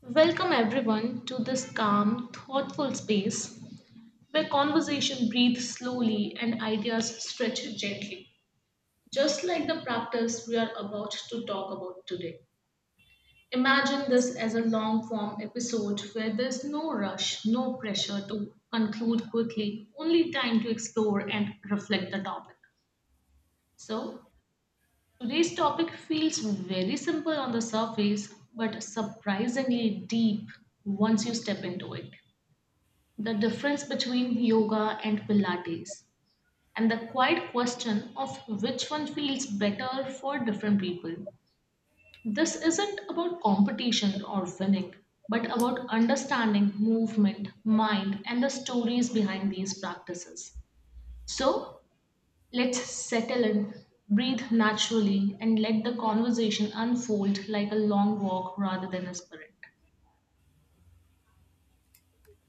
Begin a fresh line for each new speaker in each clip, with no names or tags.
Welcome everyone to this calm, thoughtful space where conversation breathes slowly and ideas stretch gently, just like the practice we are about to talk about today. Imagine this as a long form episode where there's no rush, no pressure to conclude quickly, only time to explore and reflect the topic. So, today's topic feels very simple on the surface but surprisingly deep once you step into it. The difference between yoga and Pilates, and the quiet question of which one feels better for different people. This isn't about competition or winning, but about understanding movement, mind, and the stories behind these practices. So let's settle in, breathe naturally, and let the conversation unfold like a long walk rather than a sprint.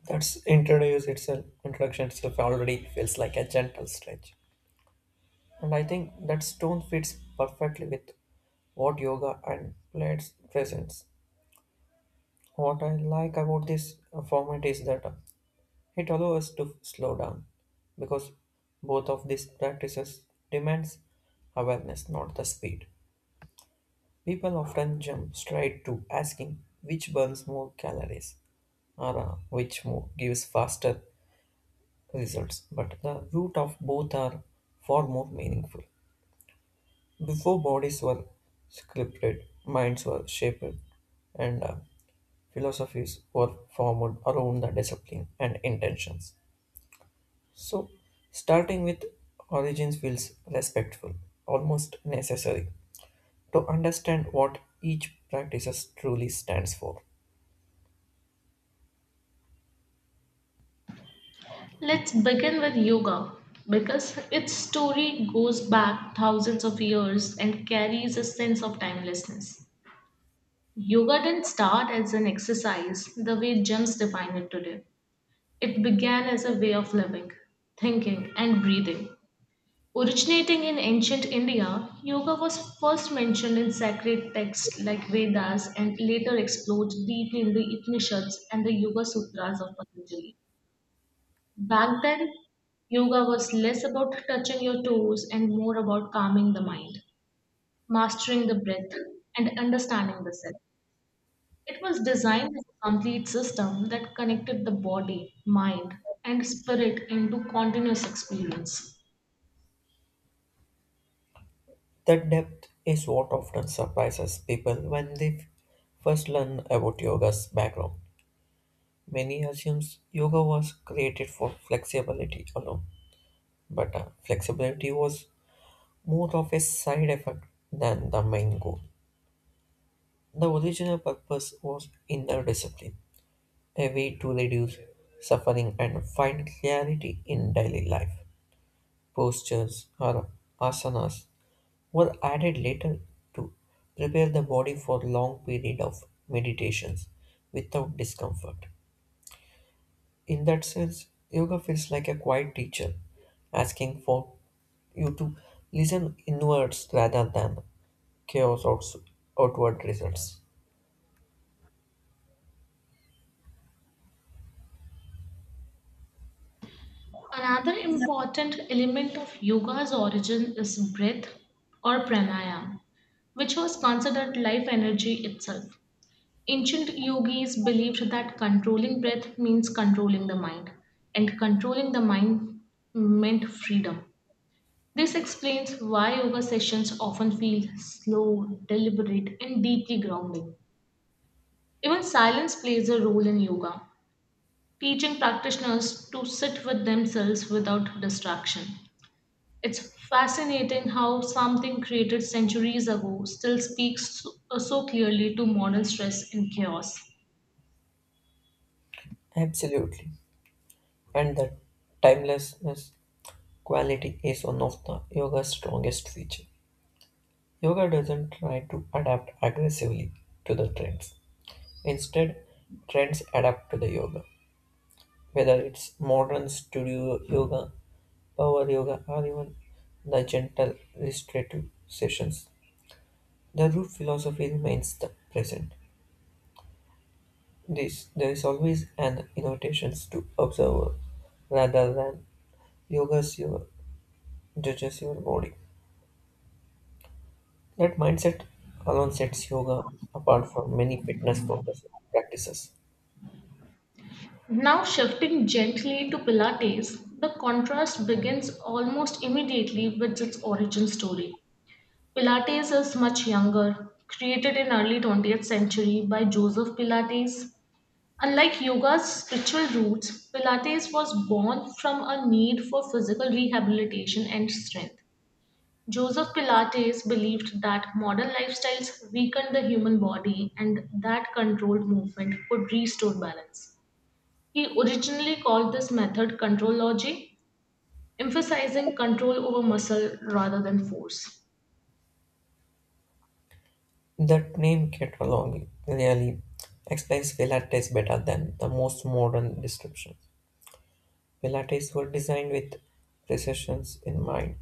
That's introduce itself introduction itself already feels like a gentle stretch. And I think that stone fits perfectly with what yoga and plates presents. What I like about this format is that it allows us to slow down because both of these practices demands awareness, not the speed. People often jump straight to asking which burns more calories or which move gives faster results, but the root of both are far more meaningful. Before bodies were sculpted, minds were shaped, and philosophies were formed around the discipline and intentions. So, starting with origins feels respectful, almost necessary, to understand what each practice truly stands for.
Let's begin with yoga because its story goes back thousands of years and carries a sense of timelessness. Yoga didn't start as an exercise the way gyms define it today. It began as a way of living, thinking, and breathing. Originating in ancient India, yoga was first mentioned in sacred texts like Vedas and later explored deeply in the Upanishads and the Yoga Sutras of Patanjali. Back then, yoga was less about touching your toes and more about calming the mind, mastering the breath, and understanding the self. It was designed as a complete system that connected the body, mind, and spirit into continuous experience.
That depth is what often surprises people when they first learn about yoga's background. Many assumes yoga was created for flexibility alone, but flexibility was more of a side effect than the main goal. The original purpose was inner discipline, a way to reduce suffering and find clarity in daily life. Postures or asanas were added later to prepare the body for long period of meditations without discomfort. In that sense, yoga feels like a quiet teacher asking for you to listen inwards rather than chaos or s- outward results.
Another important element of yoga's origin is breath or pranayama, which was considered life energy itself. Ancient yogis believed that controlling breath means controlling the mind, and controlling the mind meant freedom. This explains why yoga sessions often feel slow, deliberate, and deeply grounding. Even silence plays a role in yoga, teaching practitioners to sit with themselves without distraction. It's fascinating how something created centuries ago still speaks so so clearly to modern stress and chaos.
Absolutely. And that timelessness quality is one of the yoga's strongest feature. Yoga doesn't try to adapt aggressively to the trends. Instead, trends adapt to the yoga. Whether it's modern studio yoga, power yoga, or even the gentle restorative sessions, the root philosophy remains the present. This, there is always an invitation to observe rather than yoga's your, judges your body. That mindset alone sets yoga apart from many fitness focused practices.
Now, shifting gently to Pilates, the contrast begins almost immediately with its origin story. Pilates is much younger, created in early 20th century by Joseph Pilates. Unlike yoga's spiritual roots, Pilates was born from a need for physical rehabilitation and strength. Joseph Pilates believed that modern lifestyles weakened the human body and that controlled movement could restore balance. He originally called this method controlology, emphasizing control over muscle rather than force.
That name Ketralong really explains Pilates better than the most modern descriptions. Pilates were designed with precisions in mind,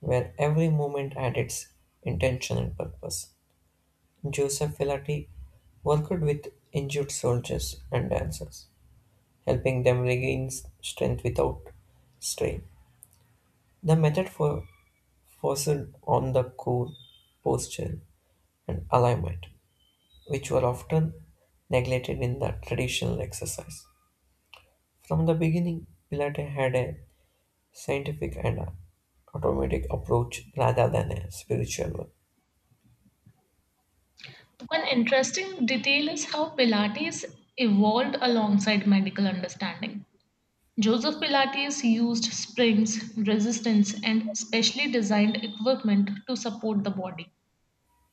where every movement had its intention and purpose. Joseph Filati worked with injured soldiers and dancers, helping them regain strength without strain. The method for focused on the core posture and alignment, which were often neglected in the traditional exercise. From the beginning, Pilates had a scientific and a automatic approach rather than a spiritual one.
One interesting detail is how Pilates evolved alongside medical understanding. Joseph Pilates used springs, resistance, and specially designed equipment to support the body.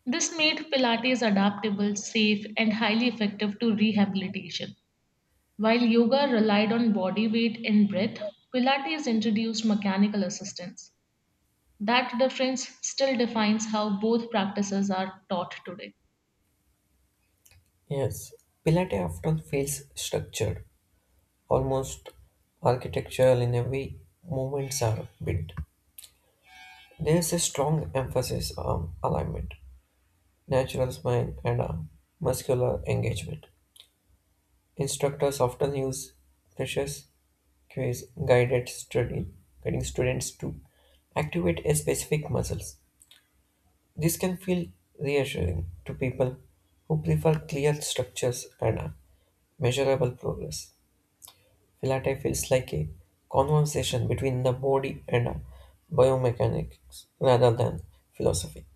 This made Pilates adaptable, safe, and highly effective to rehabilitation. While yoga relied on body weight and breath, Pilates introduced mechanical assistance. That difference still defines how both practices are taught today.
Yes, Pilates often feels structured, almost architectural in every movements are bit. There's a strong emphasis on alignment, natural spine, and muscular engagement. Instructors often use precious cues, guided study, guiding students to activate a specific muscles. This can feel reassuring to people who prefer clear structures and measurable progress. Philately feels like a conversation between the body and a biomechanics rather than philosophy.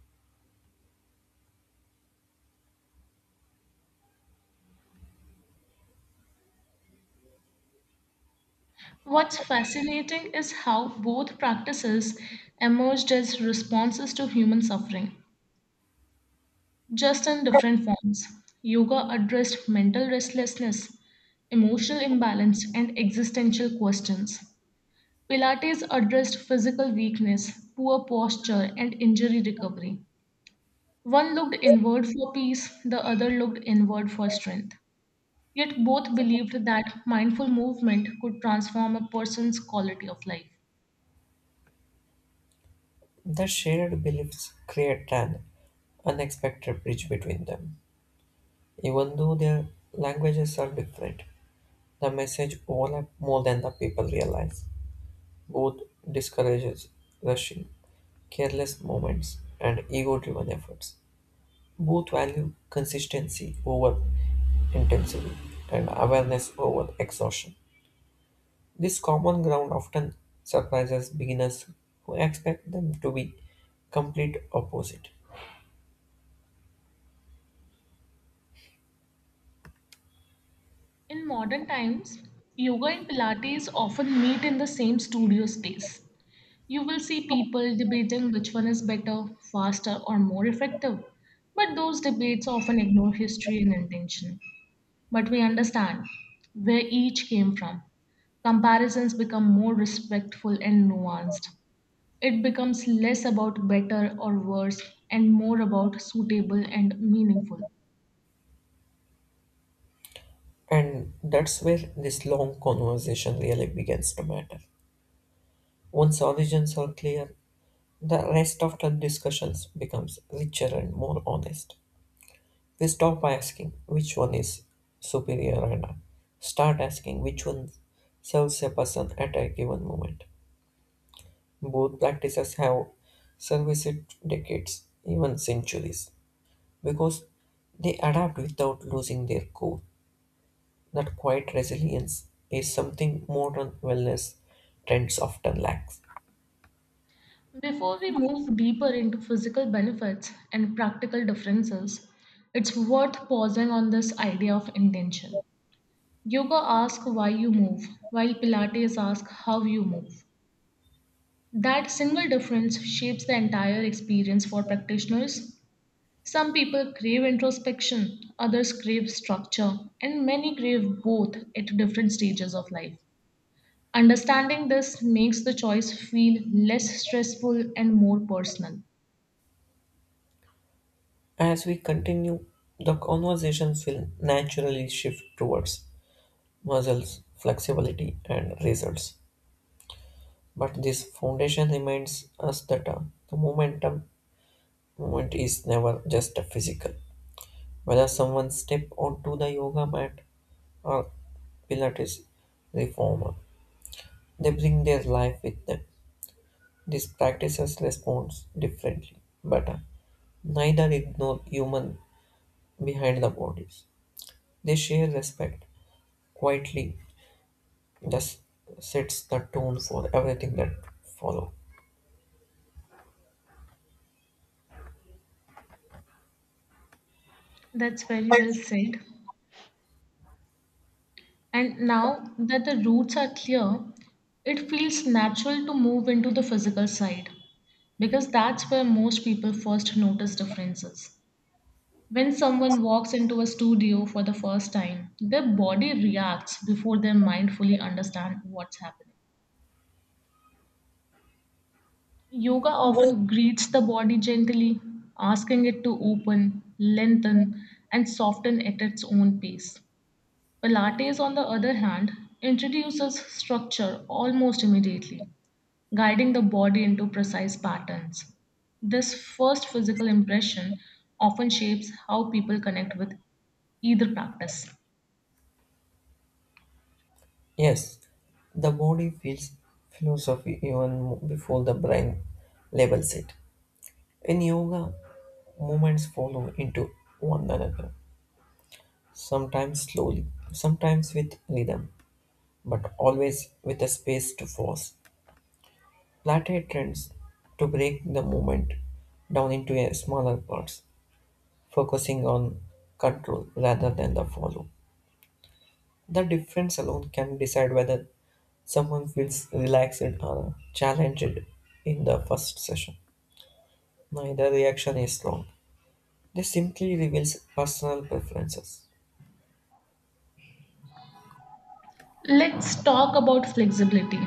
What's fascinating is how both practices emerged as responses to human suffering, just in different forms. Yoga addressed mental restlessness, emotional imbalance, and existential questions. Pilates addressed physical weakness, poor posture, and injury recovery. One looked inward for peace, the other looked inward for strength. Yet both believed that mindful movement could transform a person's quality of life.
The shared beliefs create an unexpected bridge between them. Even though their languages are different, the message overlaps more than the people realize. Both discourages rushing, careless moments, and ego-driven efforts. Both value consistency over intensity and awareness over exhaustion. This common ground often surprises beginners who expect them to be complete opposite.
In modern times, yoga and Pilates often meet in the same studio space. You will see people debating which one is better, faster, or more effective. But those debates often ignore history and intention. But we understand where each came from. Comparisons become more respectful and nuanced. It becomes less about better or worse and more about suitable and meaningful.
And that's where this long conversation really begins to matter. Once origins are clear, the rest of the discussions becomes richer and more honest. We stop asking which one is superior and start asking which one serves a person at a given moment. Both practices have serviced decades, even centuries, because they adapt without losing their core. That quiet resilience is something modern wellness trends often lack.
Before we move deeper into physical benefits and practical differences, it's worth pausing on this idea of intention. Yoga asks why you move, while Pilates asks how you move. That single difference shapes the entire experience for practitioners. Some people crave introspection, others crave structure, and many crave both at different stages of life. Understanding this makes the choice feel less stressful and more personal.
As we continue, the conversations will naturally shift towards muscles, flexibility, and results. But this foundation reminds us that the momentum movement is never just a physical. Whether someone step onto the yoga mat or Pilates reformer, they bring their life with them. These practices respond differently, but neither ignore human behind the bodies. They share respect quietly, thus sets the tone for everything that follow.
That's very well said. And now that the roots are clear, it feels natural to move into the physical side because that's where most people first notice differences. When someone walks into a studio for the first time, their body reacts before they mindfully understand what's happening. Yoga often greets the body gently, asking it to open, lengthen, and soften at its own pace. Pilates, on the other hand, introduces structure almost immediately, guiding the body into precise patterns. This first physical impression often shapes how people connect with either practice.
Yes, the body feels philosophy even before the brain labels it. In yoga, movements follow into one another, sometimes slowly, sometimes with rhythm, but always with a space to pause. Plateau trends to break the movement down into a smaller parts, focusing on control rather than the follow. The difference alone can decide whether someone feels relaxed or challenged in the first session. Neither reaction is wrong. This simply reveals personal preferences.
Let's talk about flexibility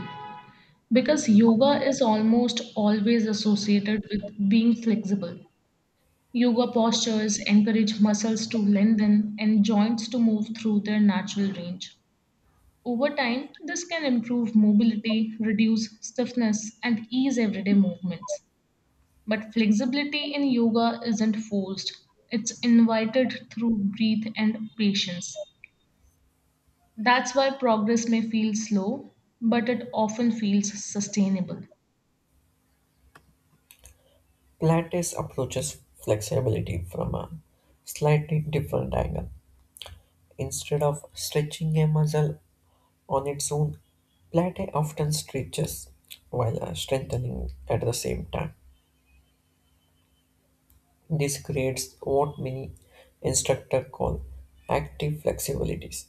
because yoga is almost always associated with being flexible. Yoga postures encourage muscles to lengthen and joints to move through their natural range. Over time, this can improve mobility, reduce stiffness, and ease everyday movements. But flexibility in yoga isn't forced, it's invited through breath and patience. That's why progress may feel slow, but it often feels sustainable.
Pilates approaches flexibility from a slightly different angle. Instead of stretching a muscle on its own, Plato often stretches while strengthening at the same time. This creates what many instructors call active flexibilities.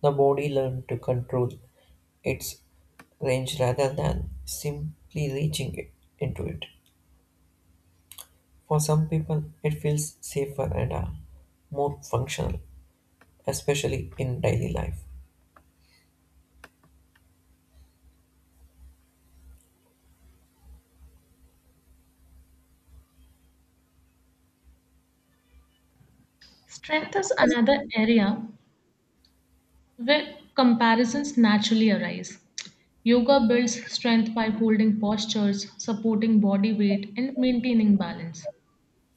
The body learns to control its range rather than simply into it. For some people, it feels safer and more functional, especially in daily life.
Strength is another area where comparisons naturally arise. Yoga builds strength by holding postures, supporting body weight, and maintaining balance.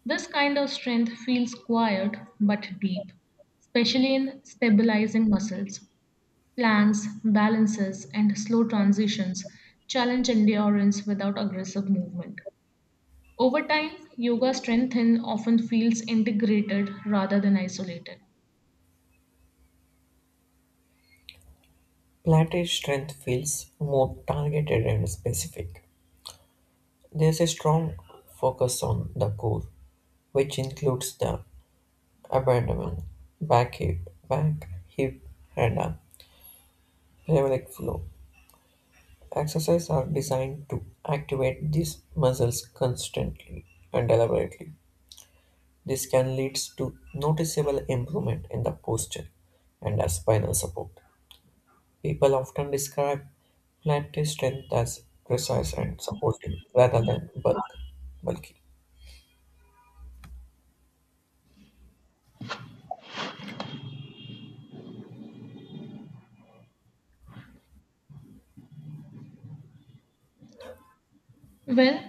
This kind of strength feels quiet but deep, especially in stabilizing muscles. Planks, balances, and slow transitions challenge endurance without aggressive movement. Over time, yoga strengthen often feels integrated rather than isolated.
Plate's strength feels more targeted and specific. There is a strong focus on the core, which includes the abdomen, back hip, back, hip, and arm. Pelvic floor. Exercises are designed to activate these muscles constantly and deliberately. This can lead to noticeable improvement in the posture and the spinal support. People often describe plantar strength as precise and supportive rather than bulky.
Well,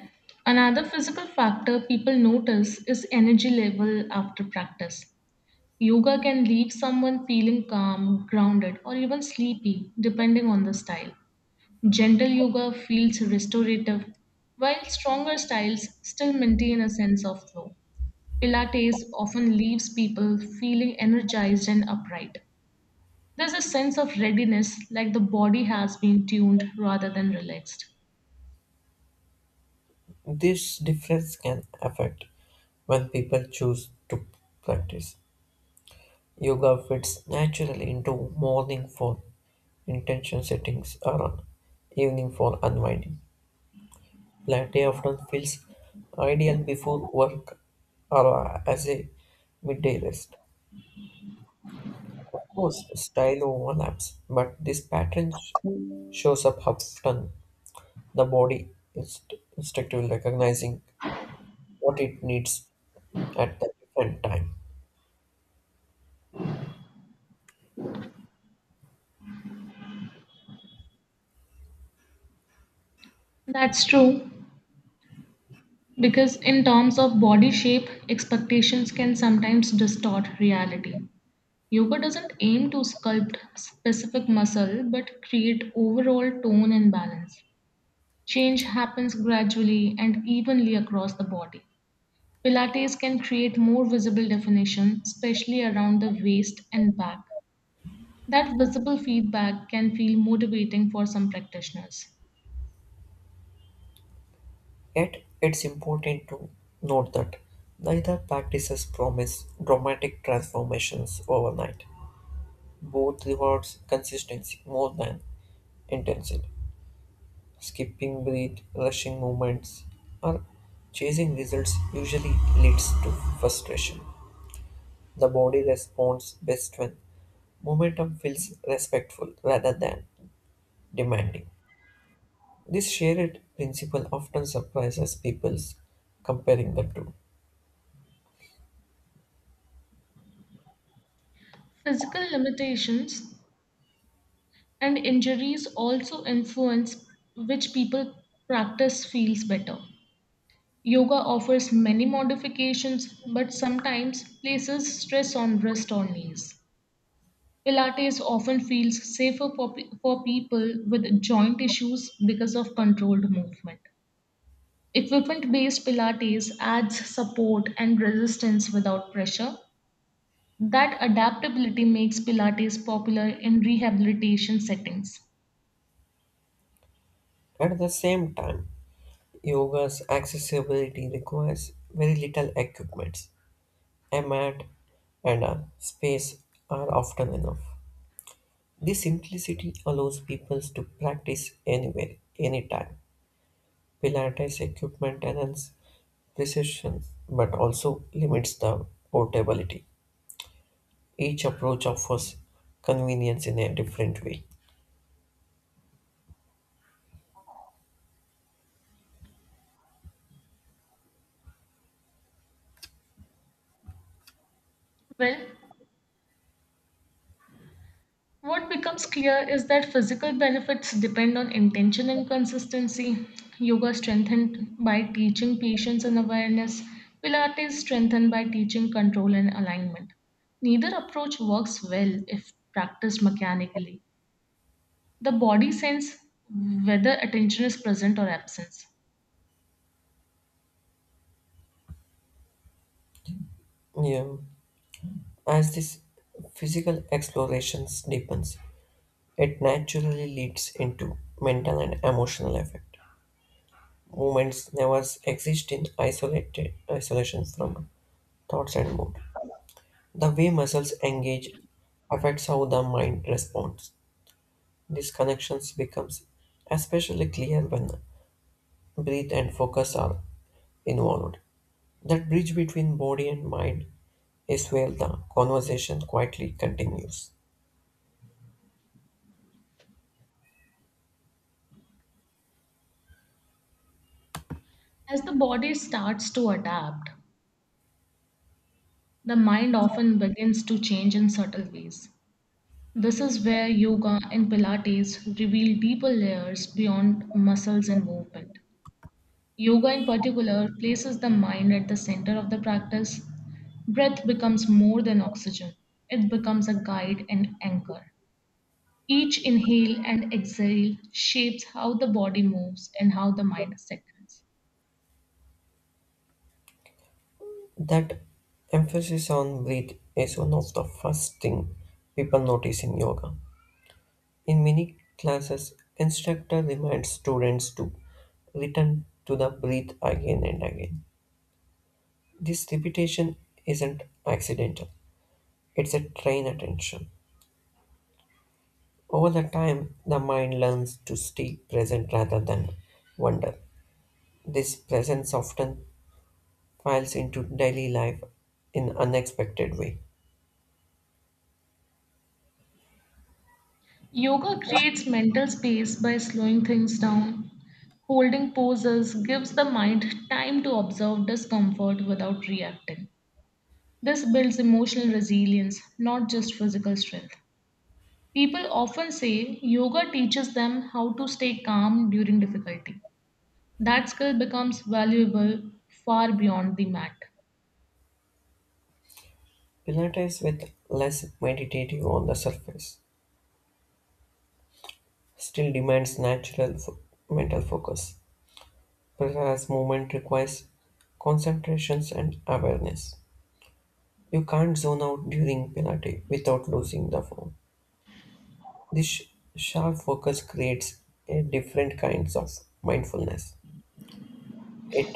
another physical factor people notice is energy level after practice. Yoga can leave someone feeling calm, grounded, or even sleepy, depending on the style. Gentle yoga feels restorative, while stronger styles still maintain a sense of flow. Pilates often leaves people feeling energized and upright. There's a sense of readiness, like the body has been tuned rather than relaxed.
This difference can affect when people choose to practice. Yoga fits naturally into morning for intention settings or evening for unwinding. Latte often feels ideal before work or as a midday rest. Of course, style overlaps, but this pattern shows up often. The body is instinctively recognizing what it needs at the different time.
That's true, because in terms of body shape, expectations can sometimes distort reality. Yoga doesn't aim to sculpt specific muscle but create overall tone and balance. Change happens gradually and evenly across the body. Pilates can create more visible definition, especially around the waist and back. That visible feedback can feel motivating for some practitioners.
Yet, it's important to note that neither practices promise dramatic transformations overnight. Both rewards consistency more than intensity. Skipping breath, rushing movements, or chasing results usually leads to frustration. The body responds best when momentum feels respectful rather than demanding. This shared principle often surprises people comparing the two.
Physical limitations and injuries also influence which people practice feels better. Yoga offers many modifications, but sometimes places stress on wrist or knees. Pilates often feels safer for, for people with joint issues because of controlled movement. Equipment based Pilates adds support and resistance without pressure. That adaptability makes Pilates popular in rehabilitation settings.
At the same time, yoga's accessibility requires very little equipment. A mat and a space are often enough. This simplicity allows people to practice anywhere, anytime. Pilates equipment enhances precision but also limits the portability. Each approach offers convenience in a different way.
Well, what becomes clear is that physical benefits depend on intention and consistency. Yoga strengthened by teaching patience and awareness, Pilates strengthened by teaching control and alignment. Neither approach works well if practiced mechanically. The body sense whether attention is present or absent.
Yeah. As this physical exploration deepens, it naturally leads into mental and emotional effect. Movements never exist in isolated isolation from thoughts and mood. The way muscles engage affects how the mind responds. These connections becomes especially clear when breath and focus are involved. That bridge between body and mind is where the conversation quietly continues.
As the body starts to adapt, the mind often begins to change in subtle ways. This is where yoga and Pilates reveal deeper layers beyond muscles and movement. Yoga, in particular, places the mind at the center of the practice. Breath becomes more than oxygen, it becomes a guide and anchor. Each inhale and exhale shapes how the body moves and how the mind settles.
That emphasis on breath is one of the first thing people notice in yoga. In many classes, instructor reminds students to return to the breath again and again. This repetition isn't accidental. It's a trained attention. Over the time, the mind learns to stay present rather than wander. This presence often files into daily life in unexpected way.
Yoga creates mental space by slowing things down. Holding poses gives the mind time to observe discomfort without reacting. This builds emotional resilience, not just physical strength. People often say yoga teaches them how to stay calm during difficulty. That skill becomes valuable far beyond the mat.
Pilates with less meditative on the surface still demands mental focus. Perha's movement requires concentrations and awareness. You can't zone out during Pilates without losing the form. This sharp focus creates a different kinds of mindfulness. It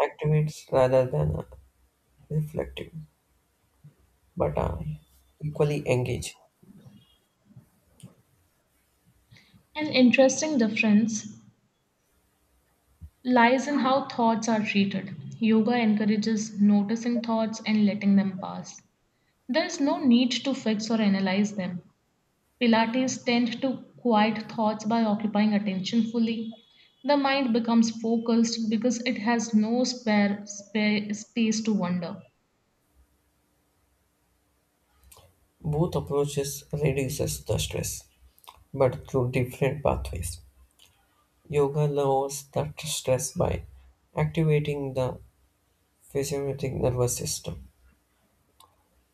activates rather than reflective, but equally engage.
An interesting difference lies in how thoughts are treated. Yoga encourages noticing thoughts and letting them pass. There is no need to fix or analyze them. Pilates tend to quiet thoughts by occupying attention fully. The mind becomes focused because it has no spare space to wander.
Both approaches reduces the stress, but through different pathways. Yoga lowers the stress by activating the physiologic nervous system.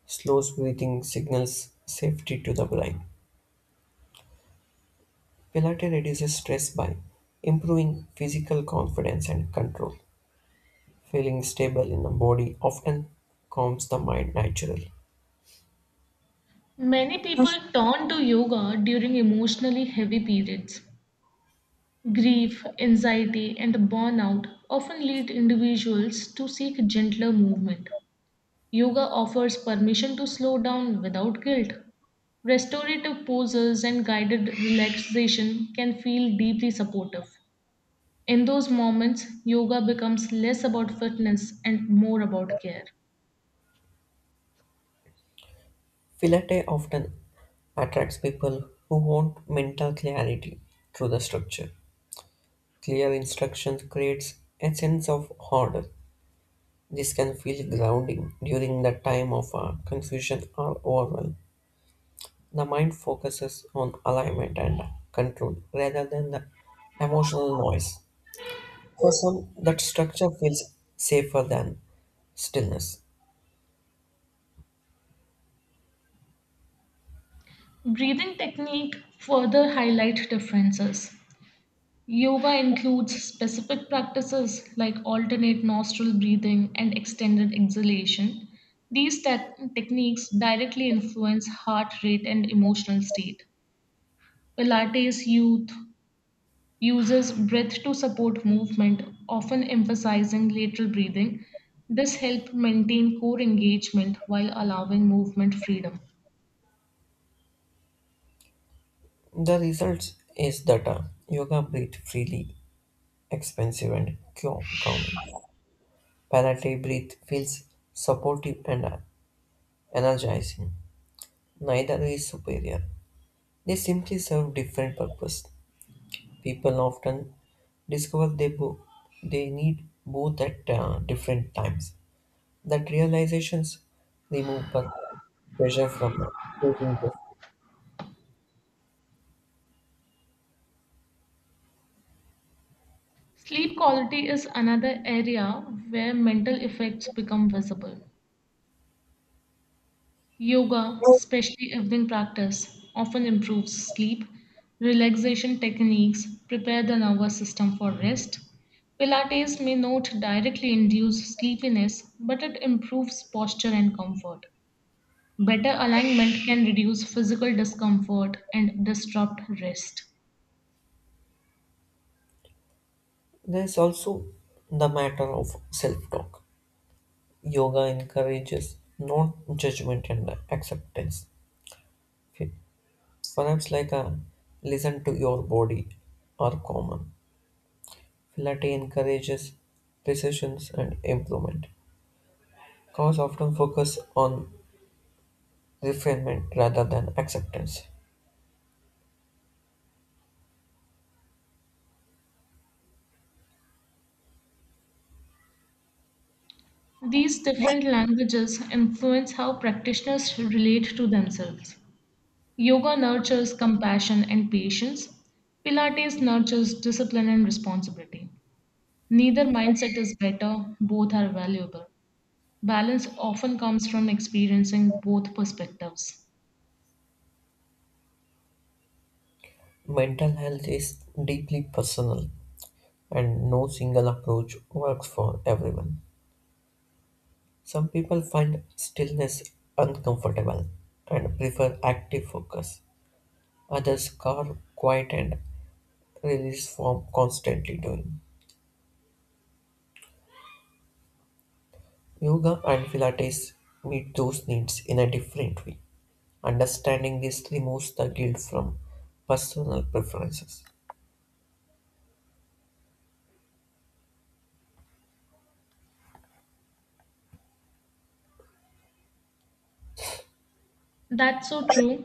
Slow breathing signals safety to the brain. Pilates reduces stress by improving physical confidence and control. Feeling stable in the body often calms the mind naturally.
Many people turn to yoga during emotionally heavy periods. Grief, anxiety, and burnout often lead individuals to seek gentler movement. Yoga offers permission to slow down without guilt. Restorative poses and guided relaxation can feel deeply supportive. In those moments, yoga becomes less about fitness and more about care.
Pilates often attracts people who want mental clarity through the structure. Clear instructions creates a sense of order. This can feel grounding during the time of confusion or overwhelm. The mind focuses on alignment and control rather than the emotional noise. For some, that structure feels safer than stillness.
Breathing technique further highlight differences. Yoga includes specific practices like alternate nostril breathing and extended exhalation. These techniques directly influence heart rate and emotional state. Pilates youth uses breath to support movement, often emphasizing lateral breathing. This helps maintain core engagement while allowing movement freedom.
The result is that yoga breathe freely, expansive and calming. Pilates breathe feels supportive and energizing. Neither is superior. They simply serve different purpose. People often discover they need both at different times. That realizations remove pressure from choosing
Sleep quality is another area where mental effects become visible. Yoga,
justice.
especially evening practice, often improves sleep. Relaxation techniques prepare the nervous system for rest. Pilates may not directly induce sleepiness, but it improves posture and comfort. Better alignment can reduce physical discomfort and disrupt rest.
There is also the matter of self talk. Yoga encourages non judgment and acceptance. Fi- Perhaps like a listen to your body are common. Pilates encourages precisions and improvement. Cause often focus on refinement rather than acceptance.
These different languages influence how practitioners relate to themselves. Yoga nurtures compassion and patience, Pilates nurtures discipline and responsibility. Neither mindset is better, both are valuable. Balance often comes from experiencing both perspectives.
Mental health is deeply personal. And no single approach works for everyone. Some people find stillness uncomfortable and prefer active focus. Others carve quiet and release from constantly doing. Yoga and Pilates meet those needs in a different way. Understanding this removes the guilt from personal preferences.
That's so true.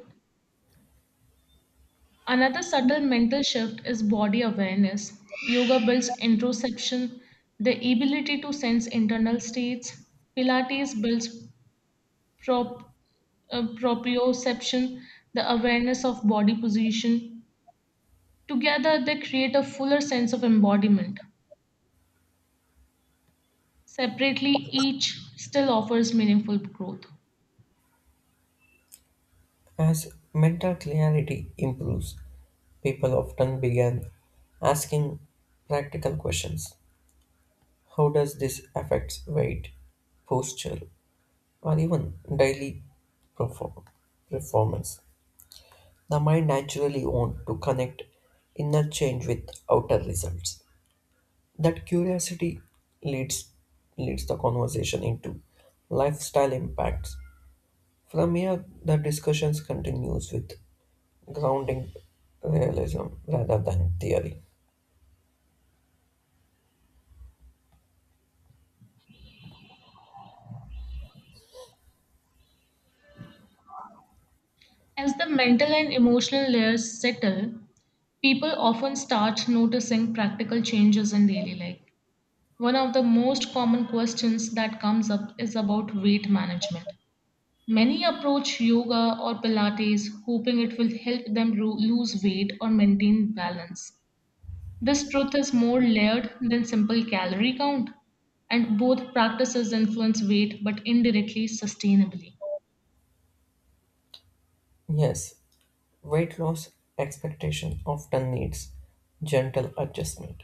Another subtle mental shift is body awareness. Yoga builds introspection, the ability to sense internal states. Pilates builds prop, proprioception, the awareness of body position. Together, they create a fuller sense of embodiment. Separately, each still offers meaningful growth.
As mental clarity improves, people often begin asking practical questions. How does this affect weight, posture, or even daily perform- performance? The mind naturally wants to connect inner change with outer results. That curiosity leads leads the conversation into lifestyle impacts. From here, the discussions continues with grounding realism rather than theory.
As the mental and emotional layers settle, people often start noticing practical changes in daily life. One of the most common questions that comes up is about weight management. Many approach yoga or Pilates hoping it will help them lose weight or maintain balance. This truth is more layered than simple calorie count, and both practices influence weight but indirectly sustainably.
Yes, weight loss expectation often needs gentle adjustment.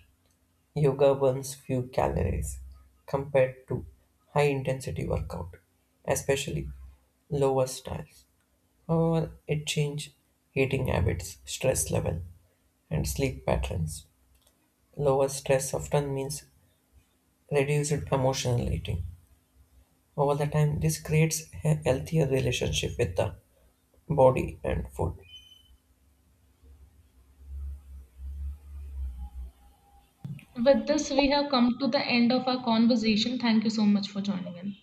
Yoga burns few calories compared to high intensity workout, especially lower styles. However, it changes eating habits, stress level, and sleep patterns. Lower stress often means reduced emotional eating. Over the time, this creates a healthier relationship with the body and food.
With this, we have come to the end of our conversation. Thank you so much for joining in.